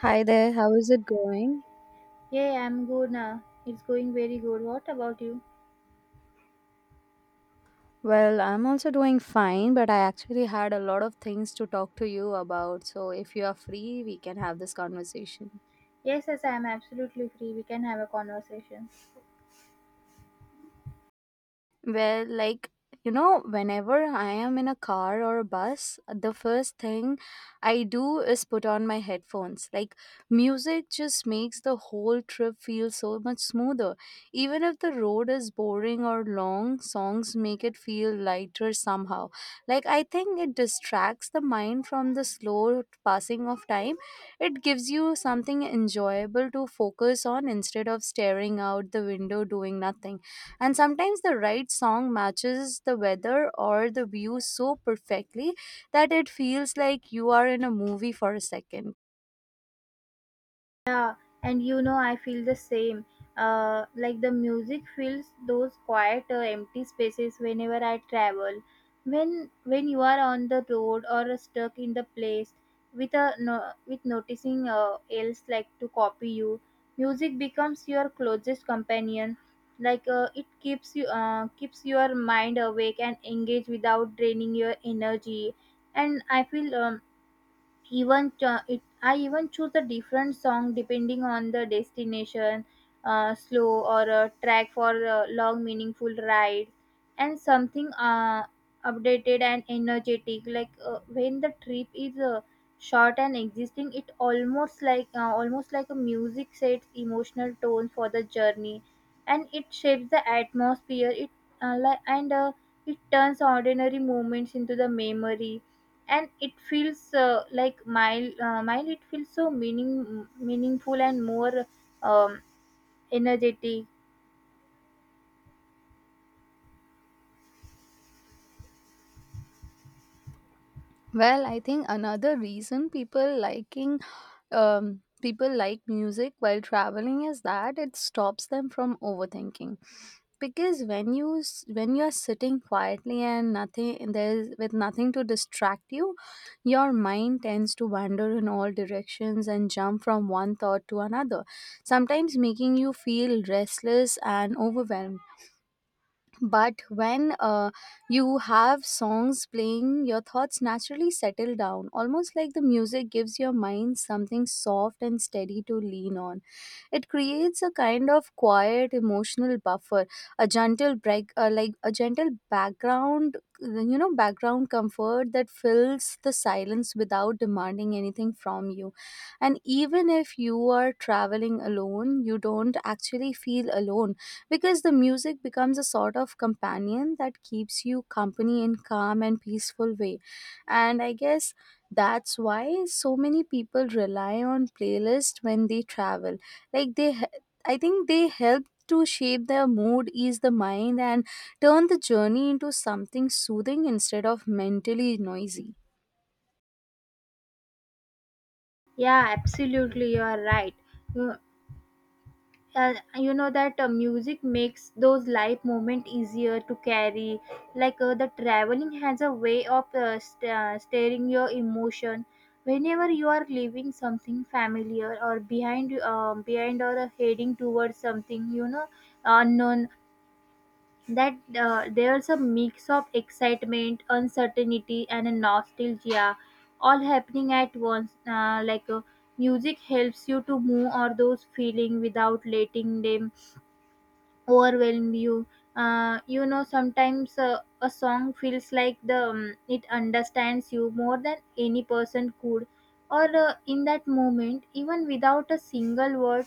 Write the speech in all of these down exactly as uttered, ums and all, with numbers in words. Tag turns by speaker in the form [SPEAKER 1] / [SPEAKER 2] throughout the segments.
[SPEAKER 1] Hi there, how is it going?
[SPEAKER 2] Yeah, I'm good now. It's going very good. What about you?
[SPEAKER 1] Well, I'm also doing fine, but I actually had a lot of things to talk to you about. So if you are free, we can have this conversation.
[SPEAKER 2] Yes, yes, I'm absolutely free. We can have a conversation.
[SPEAKER 1] Well, like, you know, whenever I am in a car or a bus, the first thing I do is put on my headphones. Like, music just makes the whole trip feel so much smoother. Even if the road is boring or long, songs make it feel lighter somehow. Like, I think it distracts the mind from the slow passing of time. It gives you something enjoyable to focus on instead of staring out the window doing nothing. And sometimes the right song matches the weather or the view so perfectly that it feels like you are in a movie for a second.
[SPEAKER 2] Yeah, and you know, I feel the same. Uh, like the music fills those quiet, uh, empty spaces whenever I travel. When when you are on the road or stuck in the place, with a no, with noticing uh, else like to copy you, music becomes your closest companion. Like uh, it keeps you uh, keeps your mind awake and engaged without draining your energy. And I feel um, even cho- it, I even choose a different song depending on the destination, uh, slow or a track for a long meaningful ride, and something uh, updated and energetic. Like uh, when the trip is uh, short and existing, it almost like uh, almost like a music sets emotional tone for the journey, and it shapes the atmosphere. It uh, like and uh, It turns ordinary moments into the memory, and it feels uh, like mile uh, mile it feels so meaning meaningful and more um, energetic.
[SPEAKER 1] Well, I think another reason people liking um, people like music while traveling is that it stops them from overthinking. Because when you s- when you are sitting quietly and nothing there's with nothing to distract you, your mind tends to wander in all directions and jump from one thought to another, sometimes making you feel restless and overwhelmed. But when uh, you have songs playing, your thoughts naturally settle down, almost like the music gives your mind something soft and steady to lean on. It creates a kind of quiet emotional buffer, a gentle break uh, like a gentle background you know background comfort that fills the silence without demanding anything from you. And even if you are traveling alone, you don't actually feel alone, because the music becomes a sort of companion that keeps you company in calm and peaceful way. And I guess that's why so many people rely on playlist when they travel. like they he- I think they help to shape their mood, ease the mind, and turn the journey into something soothing instead of mentally noisy.
[SPEAKER 2] Yeah, absolutely, you are right. You, uh, you know that uh, music makes those life moment easier to carry. Like uh, the traveling has a way of uh, st- uh, stirring your emotion whenever you are leaving something familiar or behind, um, behind or uh, heading towards something, you know, unknown. That uh, there's a mix of excitement, uncertainty, and a nostalgia, all happening at once. Uh, like uh, music helps you to move or those feeling without letting them overwhelm you. Uh, you know, sometimes uh, a song feels like the um, it understands you more than any person could, or uh, in that moment, even without a single word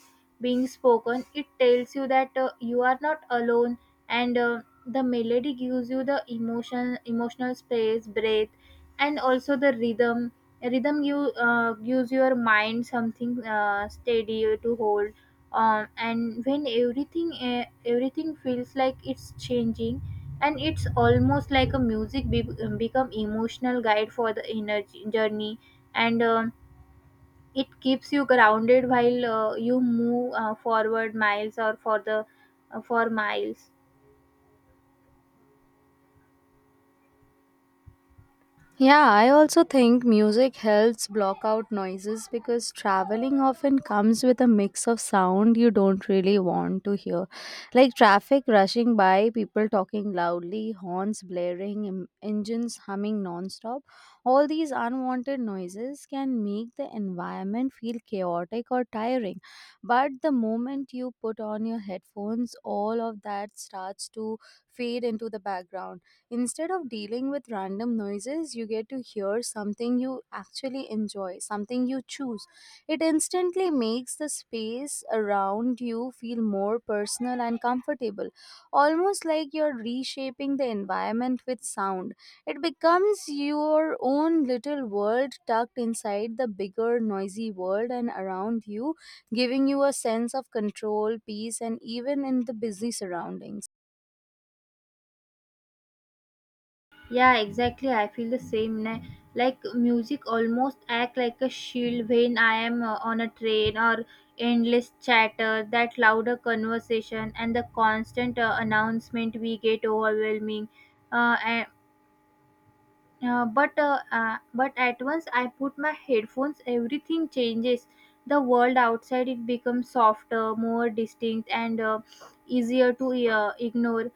[SPEAKER 2] being spoken, it tells you that uh, you are not alone. And uh, the melody gives you the emotion emotional space breath, and also the rhythm rhythm you uh, gives your mind something uh, steady to hold. Um, and when everything eh, everything feels like it's changing, and it's almost like a music be- um, become emotional guide for the inner j- journey. And um, it keeps you grounded while uh, you move uh, forward miles or for the uh, for miles.
[SPEAKER 1] Yeah, I also think music helps block out noises because traveling often comes with a mix of sound you don't really want to hear. Like traffic rushing by, people talking loudly, horns blaring, em- engines humming nonstop. All these unwanted noises can make the environment feel chaotic or tiring. But the moment you put on your headphones, all of that starts to fade into the background. Instead of dealing with random noises, you get to hear something you actually enjoy, something you choose. It instantly makes the space around you feel more personal and comfortable, almost like you're reshaping the environment with sound. It becomes your own little world tucked inside the bigger, noisy world and around you, giving you a sense of control, peace, and even in the busy surroundings.
[SPEAKER 2] Yeah, exactly. I feel the same. na- Like music almost act like a shield when I am uh, on a train or endless chatter, that louder conversation and the constant uh, announcement we get overwhelming. Uh, uh, but uh, uh, but at once I put my headphones, everything changes. The world outside, it becomes softer, more distinct, and uh, easier to uh, ignore.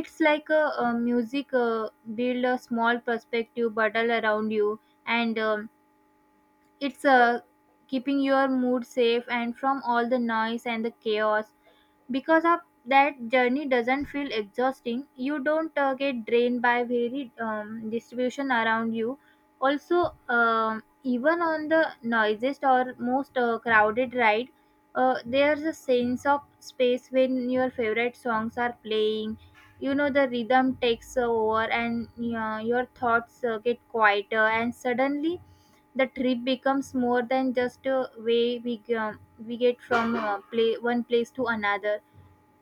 [SPEAKER 2] It's like a, uh music uh, build a small perspective bubble around you, and um, it's uh, keeping your mood safe and from all the noise and the chaos, because of that journey doesn't feel exhausting. You don't uh, get drained by varied um, distribution around you. Also um, even on the noisiest or most uh, crowded ride, uh, there's a sense of space when your favorite songs are playing. You know, the rhythm takes over, and uh, your thoughts uh, get quieter, and suddenly the trip becomes more than just a way we, um, we get from uh, play, one place to another.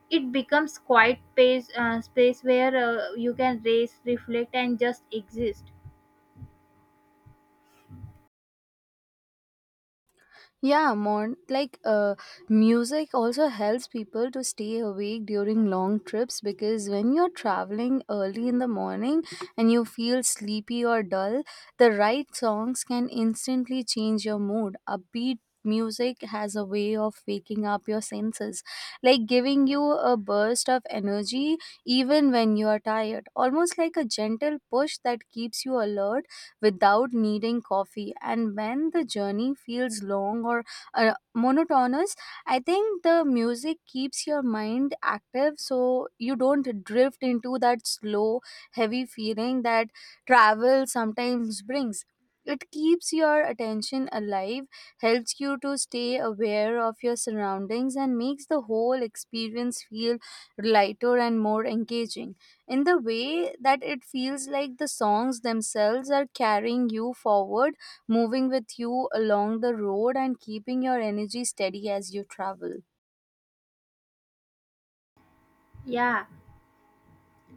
[SPEAKER 2] It becomes quiet space, uh, space where uh, you can race, reflect, and just exist.
[SPEAKER 1] Yeah, Mon. Like, uh, music also helps people to stay awake during long trips, because when you're traveling early in the morning and you feel sleepy or dull, the right songs can instantly change your mood. Upbeat music has a way of waking up your senses, like giving you a burst of energy even when you are tired, almost like a gentle push that keeps you alert without needing coffee. And when the journey feels long or uh, monotonous, I think the music keeps your mind active so you don't drift into that slow, heavy feeling that travel sometimes brings. It keeps your attention alive, helps you to stay aware of your surroundings, and makes the whole experience feel lighter and more engaging, in the way that it feels like the songs themselves are carrying you forward, moving with you along the road, and keeping your energy steady as you travel.
[SPEAKER 2] Yeah,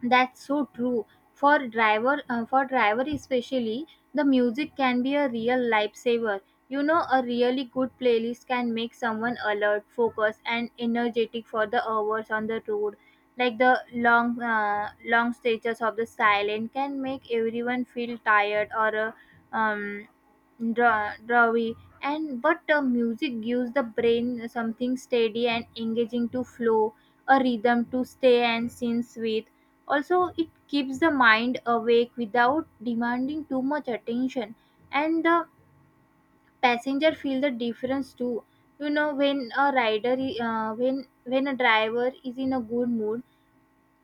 [SPEAKER 2] that's so true. For driver, uh, for driver especially, the music can be a real lifesaver. You know, a really good playlist can make someone alert, focused, and energetic for the hours on the road. Like the long, uh, long stretches of the silent can make everyone feel tired or uh, um, draw, drawy. And but uh, music gives the brain something steady and engaging to flow, a rhythm to stay and sense with. Also it keeps the mind awake without demanding too much attention, and the passenger feel the difference too. You know, when a rider I- uh, when when a driver is in a good mood,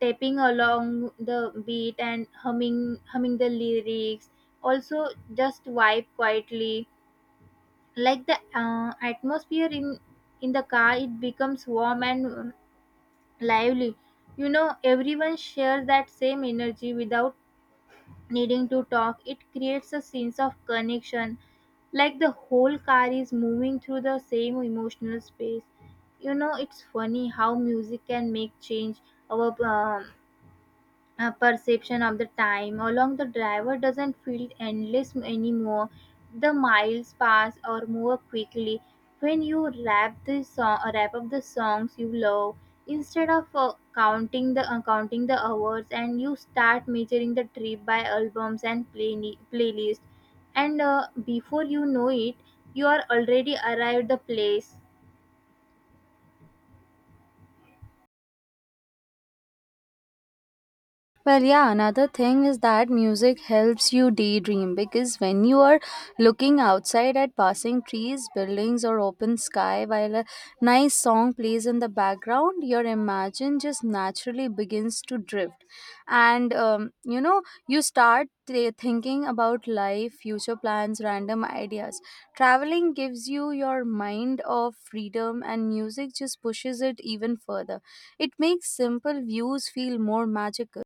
[SPEAKER 2] tapping along the beat and humming humming the lyrics, also just vibe quietly. Like the uh, atmosphere in in the car, it becomes warm and uh, lively. You know, everyone shares that same energy without needing to talk. It creates a sense of connection, like the whole car is moving through the same emotional space. You know, it's funny how music can make change our um uh, perception of the time along. The driver doesn't feel endless anymore. The miles pass or more quickly when you wrap the song wrap up the songs you love. Instead of uh, counting the uh, counting the hours, and you start measuring the trip by albums and play- playlist. And uh, before you know it, you are already arrived the place.
[SPEAKER 1] Well, yeah, another thing is that music helps you daydream, because when you are looking outside at passing trees, buildings, or open sky while a nice song plays in the background, your imagination just naturally begins to drift. And um, you know, you start th- thinking about life, future plans, random ideas. Traveling gives you your mind of freedom, and music just pushes it even further. It makes simple views feel more magical.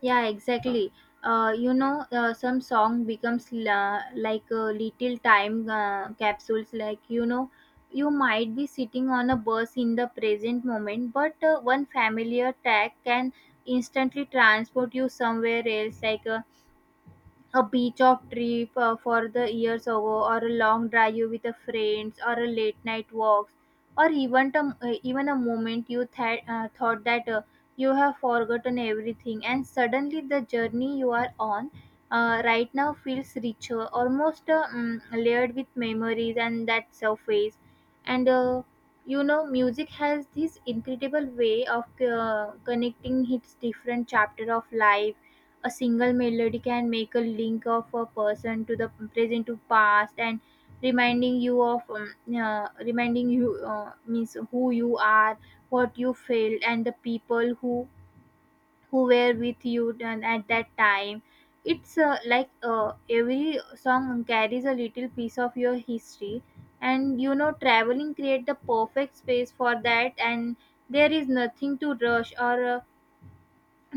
[SPEAKER 2] Yeah, exactly. Uh, you know, uh, some song becomes la- like a little time uh, capsules. Like you know, you might be sitting on a bus in the present moment, but uh, one familiar track can instantly transport you somewhere else. Like uh, a beach of trip uh, for the years ago, or a long drive with a friends, or a late night walks, or even a, uh, even a moment you th- uh, thought that uh, you have forgotten everything, and suddenly the journey you are on uh, right now feels richer, almost uh, mm, layered with memories and that surface. And uh, you know, music has this incredible way of uh, connecting its different chapter of life. A single melody can make a link of a person to the present to past, and reminding you of um, uh, reminding you uh, means who you are, what you felt, and the people who who were with you then at that time. It's uh, like uh, every song carries a little piece of your history. And you know, traveling create the perfect space for that. And there is nothing to rush or uh,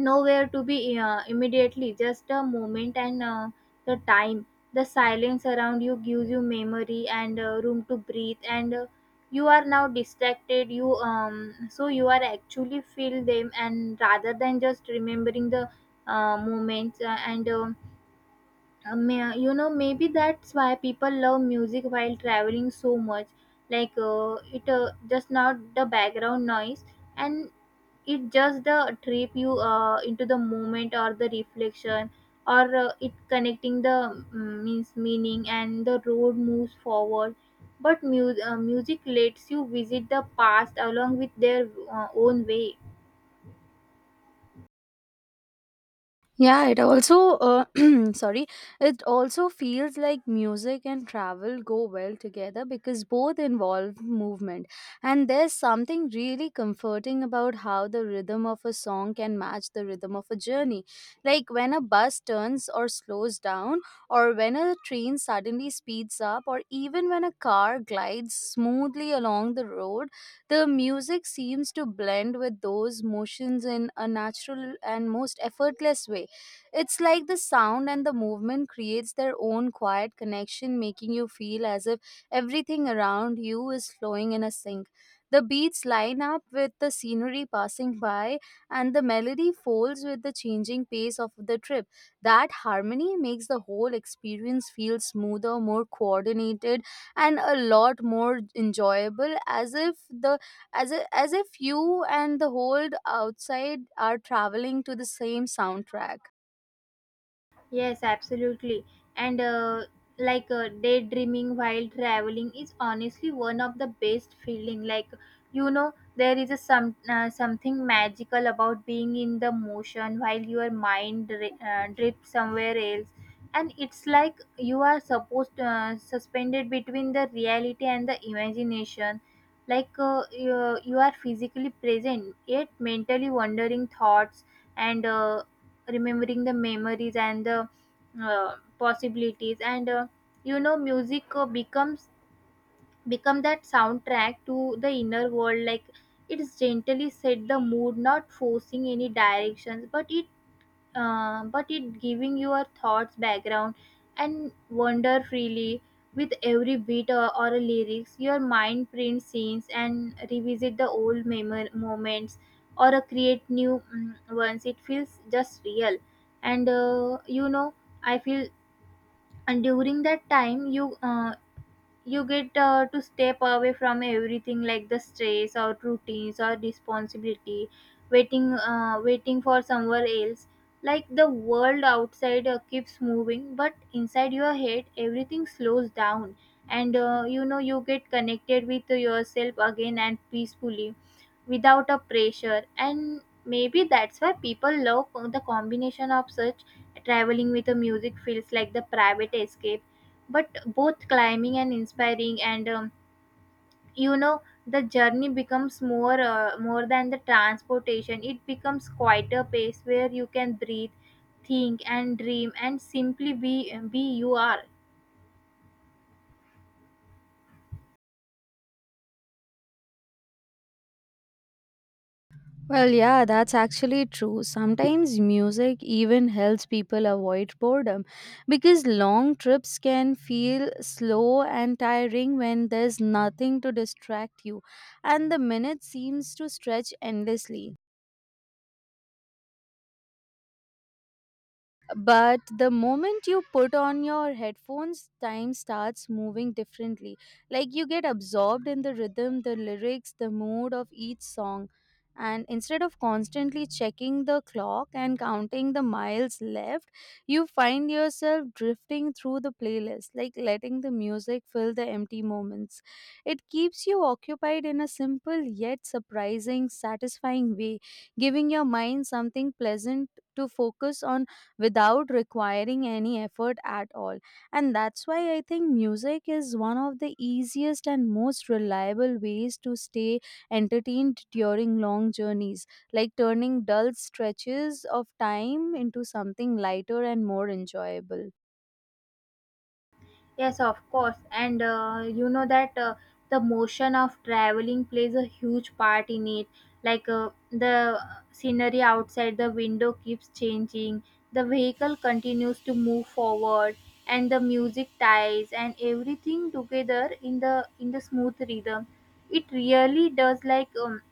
[SPEAKER 2] nowhere to be uh, immediately, just a moment. And uh, the time, the silence around you gives you memory and uh, room to breathe. And uh, you are now distracted you um so you are actually feel them, and rather than just remembering the uh, moments uh, and um, uh, may, uh, you know, maybe that's why people love music while traveling so much. Like uh, it uh, Just not the background noise, and it just the trip you uh, into the moment or the reflection. Or uh, it connecting the mm, means meaning, and the road moves forward, but mu- uh, music lets you visit the past along with their uh, own way.
[SPEAKER 1] Yeah, it also uh, sorry, it also feels like music and travel go well together because both involve movement. And there's something really comforting about how the rhythm of a song can match the rhythm of a journey. Like when a bus turns or slows down, or when a train suddenly speeds up, or even when a car glides smoothly along the road, the music seems to blend with those motions in a natural and most effortless way. It's like the sound and the movement creates their own quiet connection, making you feel as if everything around you is flowing in a sync. The beats line up with the scenery passing by, and the melody folds with the changing pace of the trip. That harmony makes the whole experience feel smoother, more coordinated, and a lot more enjoyable. As if the as if, as if you and the whole outside are traveling to the same soundtrack.
[SPEAKER 2] Yes, absolutely. And uh, like uh, daydreaming while traveling is honestly one of the best feeling. Like you know, there is a some uh, something magical about being in the motion while your mind dri- uh, drifts somewhere else, and it's like you are supposed uh, suspended between the reality and the imagination. Like uh, you, you are physically present, yet mentally wandering thoughts and. Uh, remembering the memories and the uh, possibilities. And uh, you know, music uh, becomes become that soundtrack to the inner world. Like, it's gently set the mood, not forcing any directions, but it uh, but it giving your thoughts background and wander freely. With every beat or, or a lyrics, your mind prints scenes and revisit the old memor- moments, or uh, create new mm, ones. It feels just real. And uh, you know, I feel, and during that time you uh, you get uh, to step away from everything, like the stress or routines or responsibility, waiting uh, waiting for somewhere else. Like the world outside uh, keeps moving, but inside your head everything slows down. And uh, you know, you get connected with yourself again and peacefully, without a pressure. And maybe that's why people love the combination of such. Traveling with the music feels like the private escape, but both climbing and inspiring. And um, you know, the journey becomes more uh, more than the transportation. It becomes quite a pace where you can breathe, think, and dream, and simply be be you are.
[SPEAKER 1] Well, yeah, that's actually true. Sometimes music even helps people avoid boredom, because long trips can feel slow and tiring when there's nothing to distract you, and the minute seems to stretch endlessly. But the moment you put on your headphones, time starts moving differently. Like you get absorbed in the rhythm, the lyrics, the mood of each song, and instead of constantly checking the clock and counting the miles left, you find yourself drifting through the playlist, like letting the music fill the empty moments. It keeps you occupied in a simple yet surprising satisfying way, giving your mind something pleasant to focus on without requiring any effort at all. And that's why I think music is one of the easiest and most reliable ways to stay entertained during long journeys, like turning dull stretches of time into something lighter and more enjoyable.
[SPEAKER 2] Yes, of course. And uh, you know that uh, the motion of traveling plays a huge part in it. Like uh, the scenery outside the window keeps changing, the vehicle continues to move forward, and the music ties and everything together in the in the smooth rhythm. It really does, like um,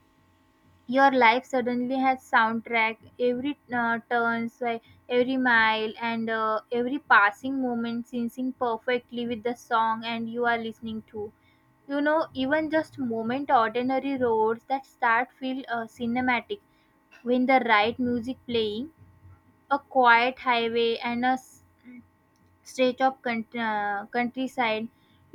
[SPEAKER 2] your life suddenly has soundtrack every uh, turns, like every mile and uh, every passing moment syncing perfectly with the song and you are listening to, you know, even just moment ordinary roads that start feel uh, cinematic when the right music playing, a quiet highway and a s- stretch of count- uh, countryside.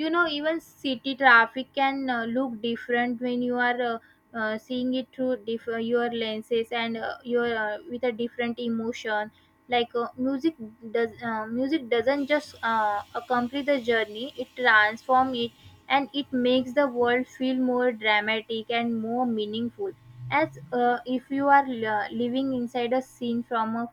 [SPEAKER 2] You know, even city traffic can uh, look different when you are uh, uh, seeing it through diff- uh, your lenses and uh, your, uh, with a different emotion. Like, uh, music does uh, music doesn't just uh, accompany the journey, it transforms it, and it makes the world feel more dramatic and more meaningful, as uh, if you are uh, living inside a scene from a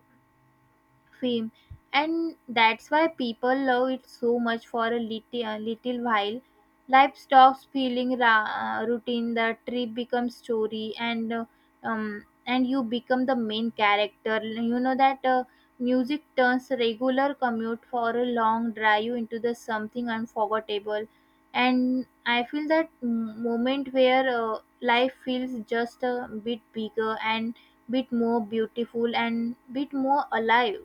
[SPEAKER 2] fame. And that's why people love it so much. For a little, a little while, life stops feeling ra- uh, routine, the trip becomes story and uh, um, and you become the main character. You know that uh, music turns regular commute for a long drive into the something unforgettable. And I feel that m- moment where uh, life feels just a bit bigger and bit more beautiful and bit more alive.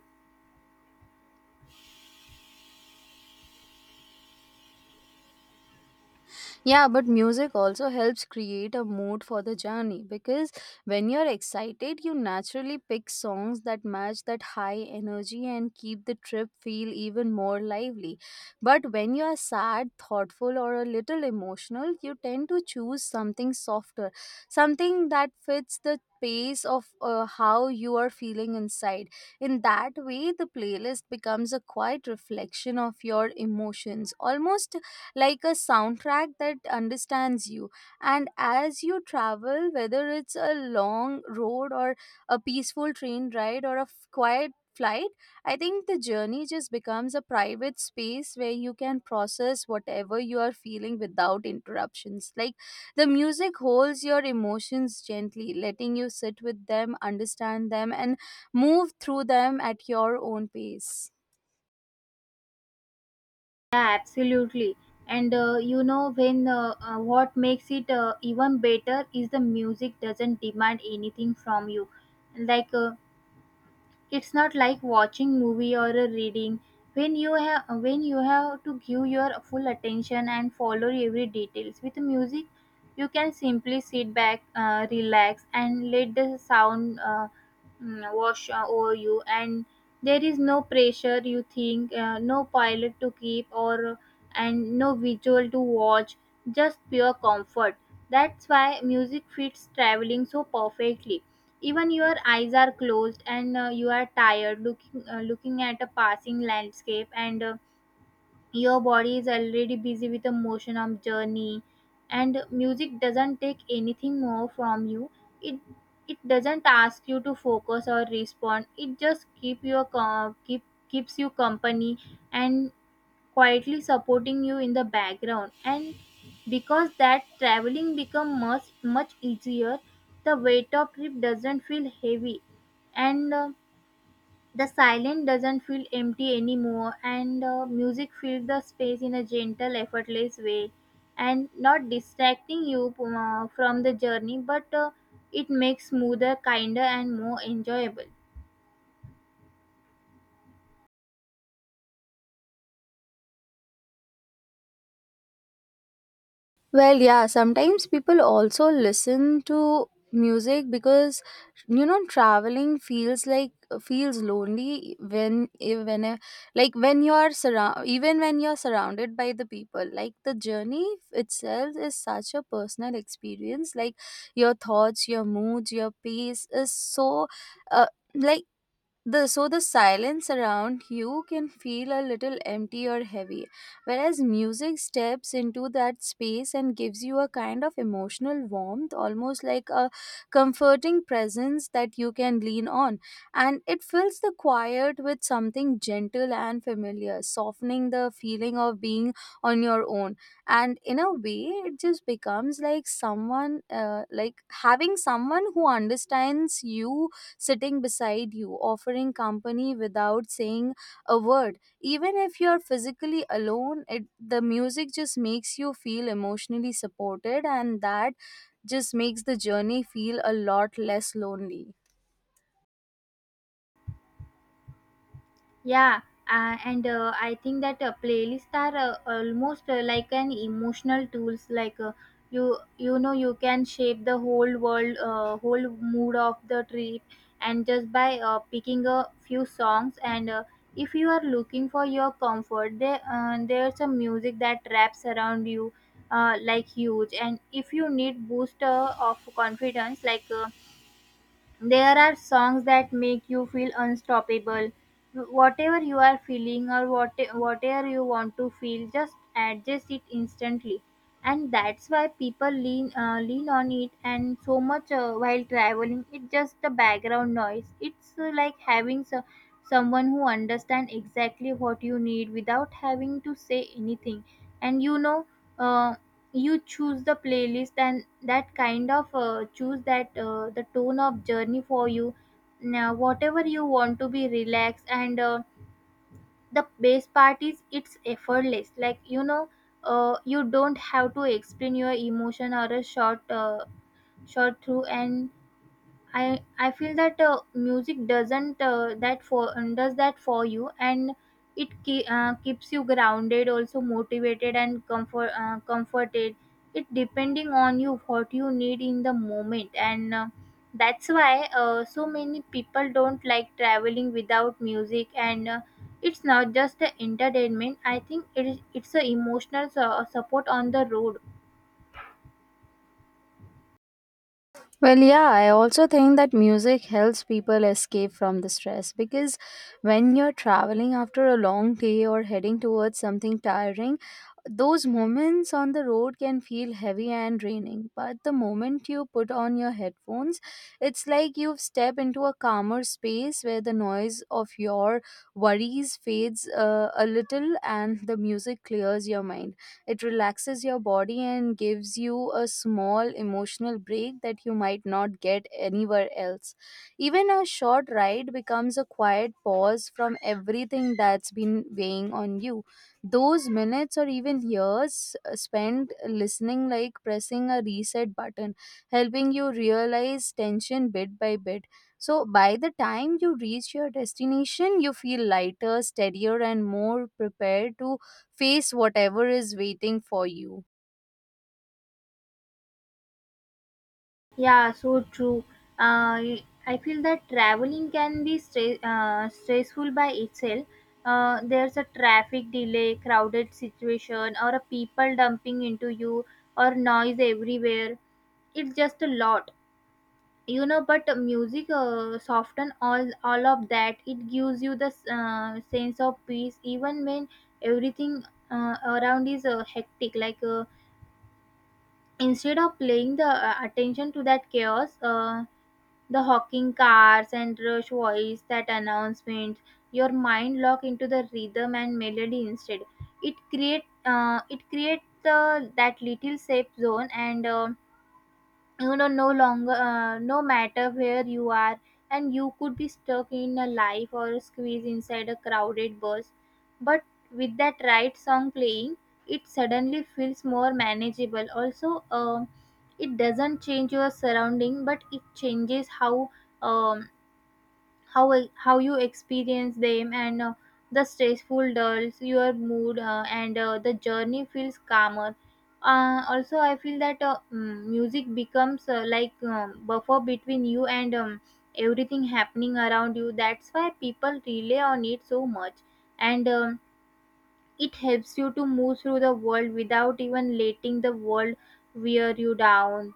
[SPEAKER 1] Yeah, but music also helps create a mood for the journey, because when you're excited, you naturally pick songs that match that high energy and keep the trip feel even more lively. But when you're sad, thoughtful, or a little emotional, you tend to choose something softer, something that fits the pace of uh, how you are feeling inside. In that way, the playlist becomes a quiet reflection of your emotions, almost like a soundtrack that understands you. And as you travel, whether it's a long road, or a peaceful train ride, or a f- quiet flight, I think the journey just becomes a private space where you can process whatever you are feeling without interruptions. Like the music holds your emotions gently, letting you sit with them, understand them, and move through them at your own pace.
[SPEAKER 2] Yeah, absolutely. And uh, you know, when uh, uh, what makes it uh, even better is the music doesn't demand anything from you. Like uh, it's not like watching movie or a reading, when you have when you have to give your full attention and follow every details. With music, you can simply sit back, uh, relax, and let the sound uh, mm, wash uh, over you. And there is no pressure. You think uh, no pilot to keep or and no visual to watch. Just pure comfort. That's why music fits traveling so perfectly, even your eyes are closed and uh, you are tired looking uh, looking at a passing landscape and uh, your body is already busy with the motion of journey, and music doesn't take anything more from you. it it doesn't ask you to focus or respond, it just keep your co- keep keeps you company, and quietly supporting you in the background, and because that traveling become much much easier, the weight of trip doesn't feel heavy, and uh, the silence doesn't feel empty anymore, and uh, music fills the space in a gentle effortless way, and not distracting you uh, from the journey, but uh, it makes smoother kinder and more enjoyable.
[SPEAKER 1] Well, yeah, sometimes people also listen to music because you know traveling feels like feels lonely when when uh, like when you are surround even when you're surrounded by the people. Like the journey itself is such a personal experience. Like your thoughts, your moods, your pace is so uh, like the so the silence around you can feel a little empty or heavy, whereas music steps into that space and gives you a kind of emotional warmth, almost like a comforting presence that you can lean on. And it fills the quiet with something gentle and familiar, softening the feeling of being on your own. And in a way, it just becomes like someone uh, like having someone who understands you, sitting beside you, offering company without saying a word. Even if you're physically alone, it, the music just makes you feel emotionally supported, and that just makes the journey feel a lot less lonely.
[SPEAKER 2] Yeah, uh, and uh, I think that uh, playlists are uh, almost uh, like an emotional tools. Like uh, you, you know, you can shape the whole world, uh, whole mood of the trip, and just by uh, picking a few songs. And uh, if you are looking for your comfort, there, uh, there's a music that wraps around you, uh, like huge. And if you need boost uh, of confidence, like. Uh, there are songs that make you feel unstoppable. Whatever you are feeling or what, whatever you want to feel, just adjust it instantly. And that's why people lean uh, lean on it and so much uh, while traveling. It's just the background noise. It's uh, like having so- someone who understands exactly what you need without having to say anything. And you know, uh, you choose the playlist and that kind of uh, choose that uh, the tone of journey for you, now whatever you want to be relaxed and uh, the best part is it's effortless, like you know, uh, you don't have to explain your emotion or a short uh, short through, and I I feel that uh, music doesn't uh, that for um, does that for you, and it ke- uh, keeps you grounded, also motivated and comfort uh, comforted. It depending on you what you need in the moment, and uh, that's why uh, so many people don't like traveling without music. And uh, it's not just the entertainment. I think it is it's a emotional su- support on the road.
[SPEAKER 1] Well, yeah, I also think that music helps people escape from the stress, because when you're traveling after a long day or heading towards something tiring, those moments on the road can feel heavy and draining. But the moment you put on your headphones, it's like you've stepped into a calmer space where the noise of your worries fades uh, a little and the music clears your mind. It relaxes your body and gives you a small emotional break that you might not get anywhere else. Even a short ride becomes a quiet pause from everything that's been weighing on you. Those minutes or even years uh, spent listening, like pressing a reset button, helping you realize tension bit by bit. So by the time you reach your destination, you feel lighter, steadier, and more prepared to face whatever is waiting for you.
[SPEAKER 2] Yeah, so true. Uh, I feel that traveling can be stre- uh, stressful by itself. Uh, there's a traffic delay, crowded situation, or a people dumping into you, or noise everywhere. It's just a lot, you know. But music uh, soften all all of that. It gives you the uh, sense of peace, even when everything uh, around is uh, hectic. Like uh, instead of paying the uh, attention to that chaos, uh, the honking cars and rush voice that announcement, your mind lock into the rhythm and melody instead. It create uh, it create the that little safe zone, and um, you know, no longer uh, no matter where you are, and you could be stuck in a life or squeezed inside a crowded bus, but with that right song playing, it suddenly feels more manageable. Also, um, it doesn't change your surrounding but it changes how um, how e- how you experience them, and uh, the stressful dulls your mood uh, and uh, the journey feels calmer. uh, also, I feel that uh, mm, music becomes uh, like um, buffer between you and um, everything happening around you. That's why people rely on it so much, and um, it helps you to move through the world without even letting the world wear you down.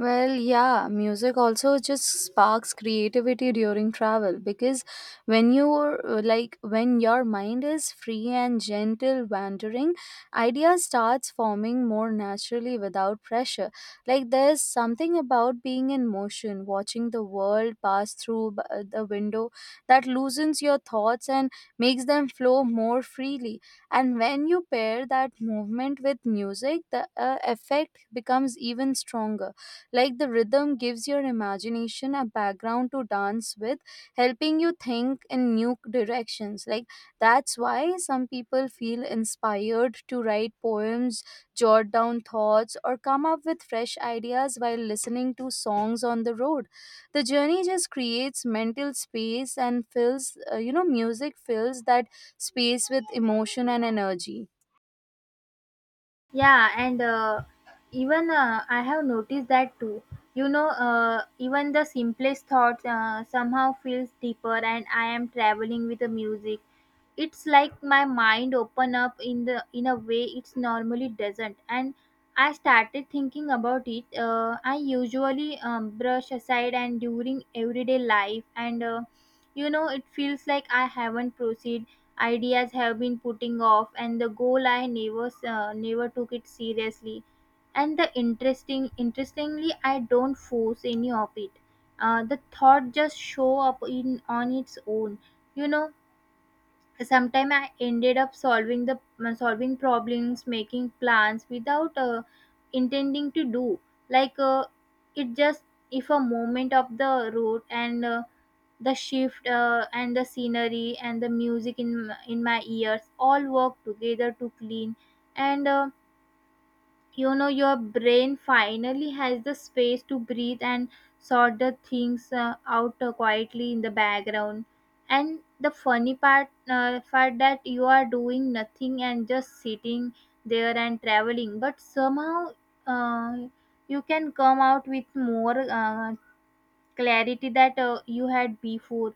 [SPEAKER 1] Well, yeah, music also just sparks creativity during travel, because when you're uh, like when your mind is free and gentle wandering, ideas starts forming more naturally without pressure. Like there's something about being in motion, watching the world pass through b- uh, the window, that loosens your thoughts and makes them flow more freely. And when you pair that movement with music, the uh, effect becomes even stronger. Like the rhythm gives your imagination a background to dance with, helping you think in new directions. Like that's why some people feel inspired to write poems, jot down thoughts, or come up with fresh ideas while listening to songs on the road. The journey just creates mental space and fills, uh, you know, music fills that space with emotion and energy.
[SPEAKER 2] Yeah, and uh, even uh, I have noticed that too. You know, uh, even the simplest thoughts uh, somehow feels deeper, and I am traveling with the music. It's like my mind open up in the in a way it's normally doesn't, and I started thinking about it. Uh, I usually um, brush aside and during everyday life, and uh, you know, it feels like I haven't proceed ideas have been putting off and the goal I never uh, never took it seriously. And the interesting interestingly I don't force any of it. uh, the thought just show up in on its own, you know. Sometimes I ended up solving the, uh, solving problems making plans without uh, intending to do, like uh, it just if a moment of the road and uh, the shift uh, and the scenery and the music in in my ears all work together to clean, and uh, you know, your brain finally has the space to breathe and sort the things uh, out uh, quietly in the background. And the funny part uh, part that you are doing nothing and just sitting there and traveling, but somehow uh, you can come out with more uh, clarity that uh, you had before.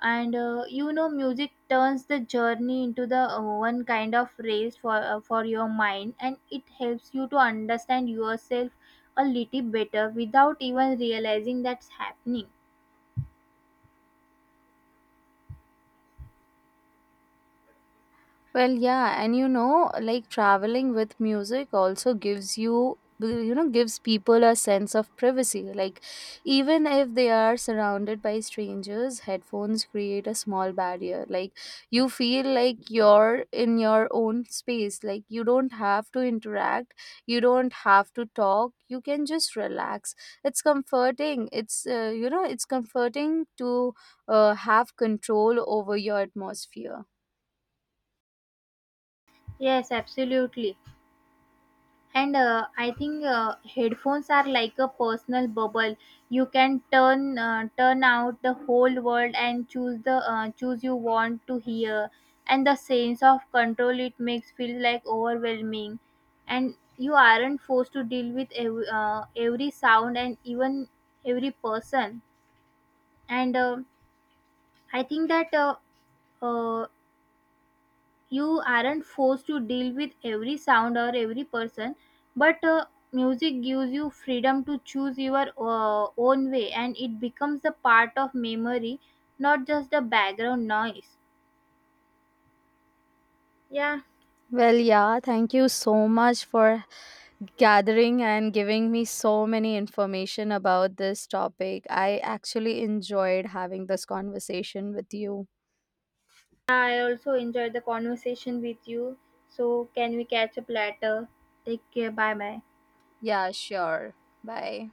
[SPEAKER 2] And uh, you know, music turns the journey into the uh, one kind of race for uh, for your mind, and it helps you to understand yourself a little better without even realizing that's happening.
[SPEAKER 1] Well, yeah, and you know, like traveling with music also gives you you know gives people a sense of privacy. Like even if they are surrounded by strangers, headphones create a small barrier. Like you feel like you're in your own space. Like you don't have to interact, you don't have to talk, you can just relax. it's comforting it's uh, you know it's comforting to uh, have control over your atmosphere.
[SPEAKER 2] Yes, absolutely. And uh, I think uh, headphones are like a personal bubble. You can turn uh, turn out the whole world and choose the, uh, choose you want to hear. And the sense of control it makes feel like overwhelming, and you aren't forced to deal with every, uh, every sound and even every person. And uh, I think that uh, uh, you aren't forced to deal with every sound or every person, but uh, music gives you freedom to choose your uh, own way, and it becomes a part of memory, not just the background noise. Yeah.
[SPEAKER 1] Well, yeah, thank you so much for gathering and giving me so many information about this topic. I actually enjoyed having this conversation with you.
[SPEAKER 2] I also enjoyed the conversation with you. So, can we catch up later? Take care, bye bye.
[SPEAKER 1] Yeah, sure. Bye.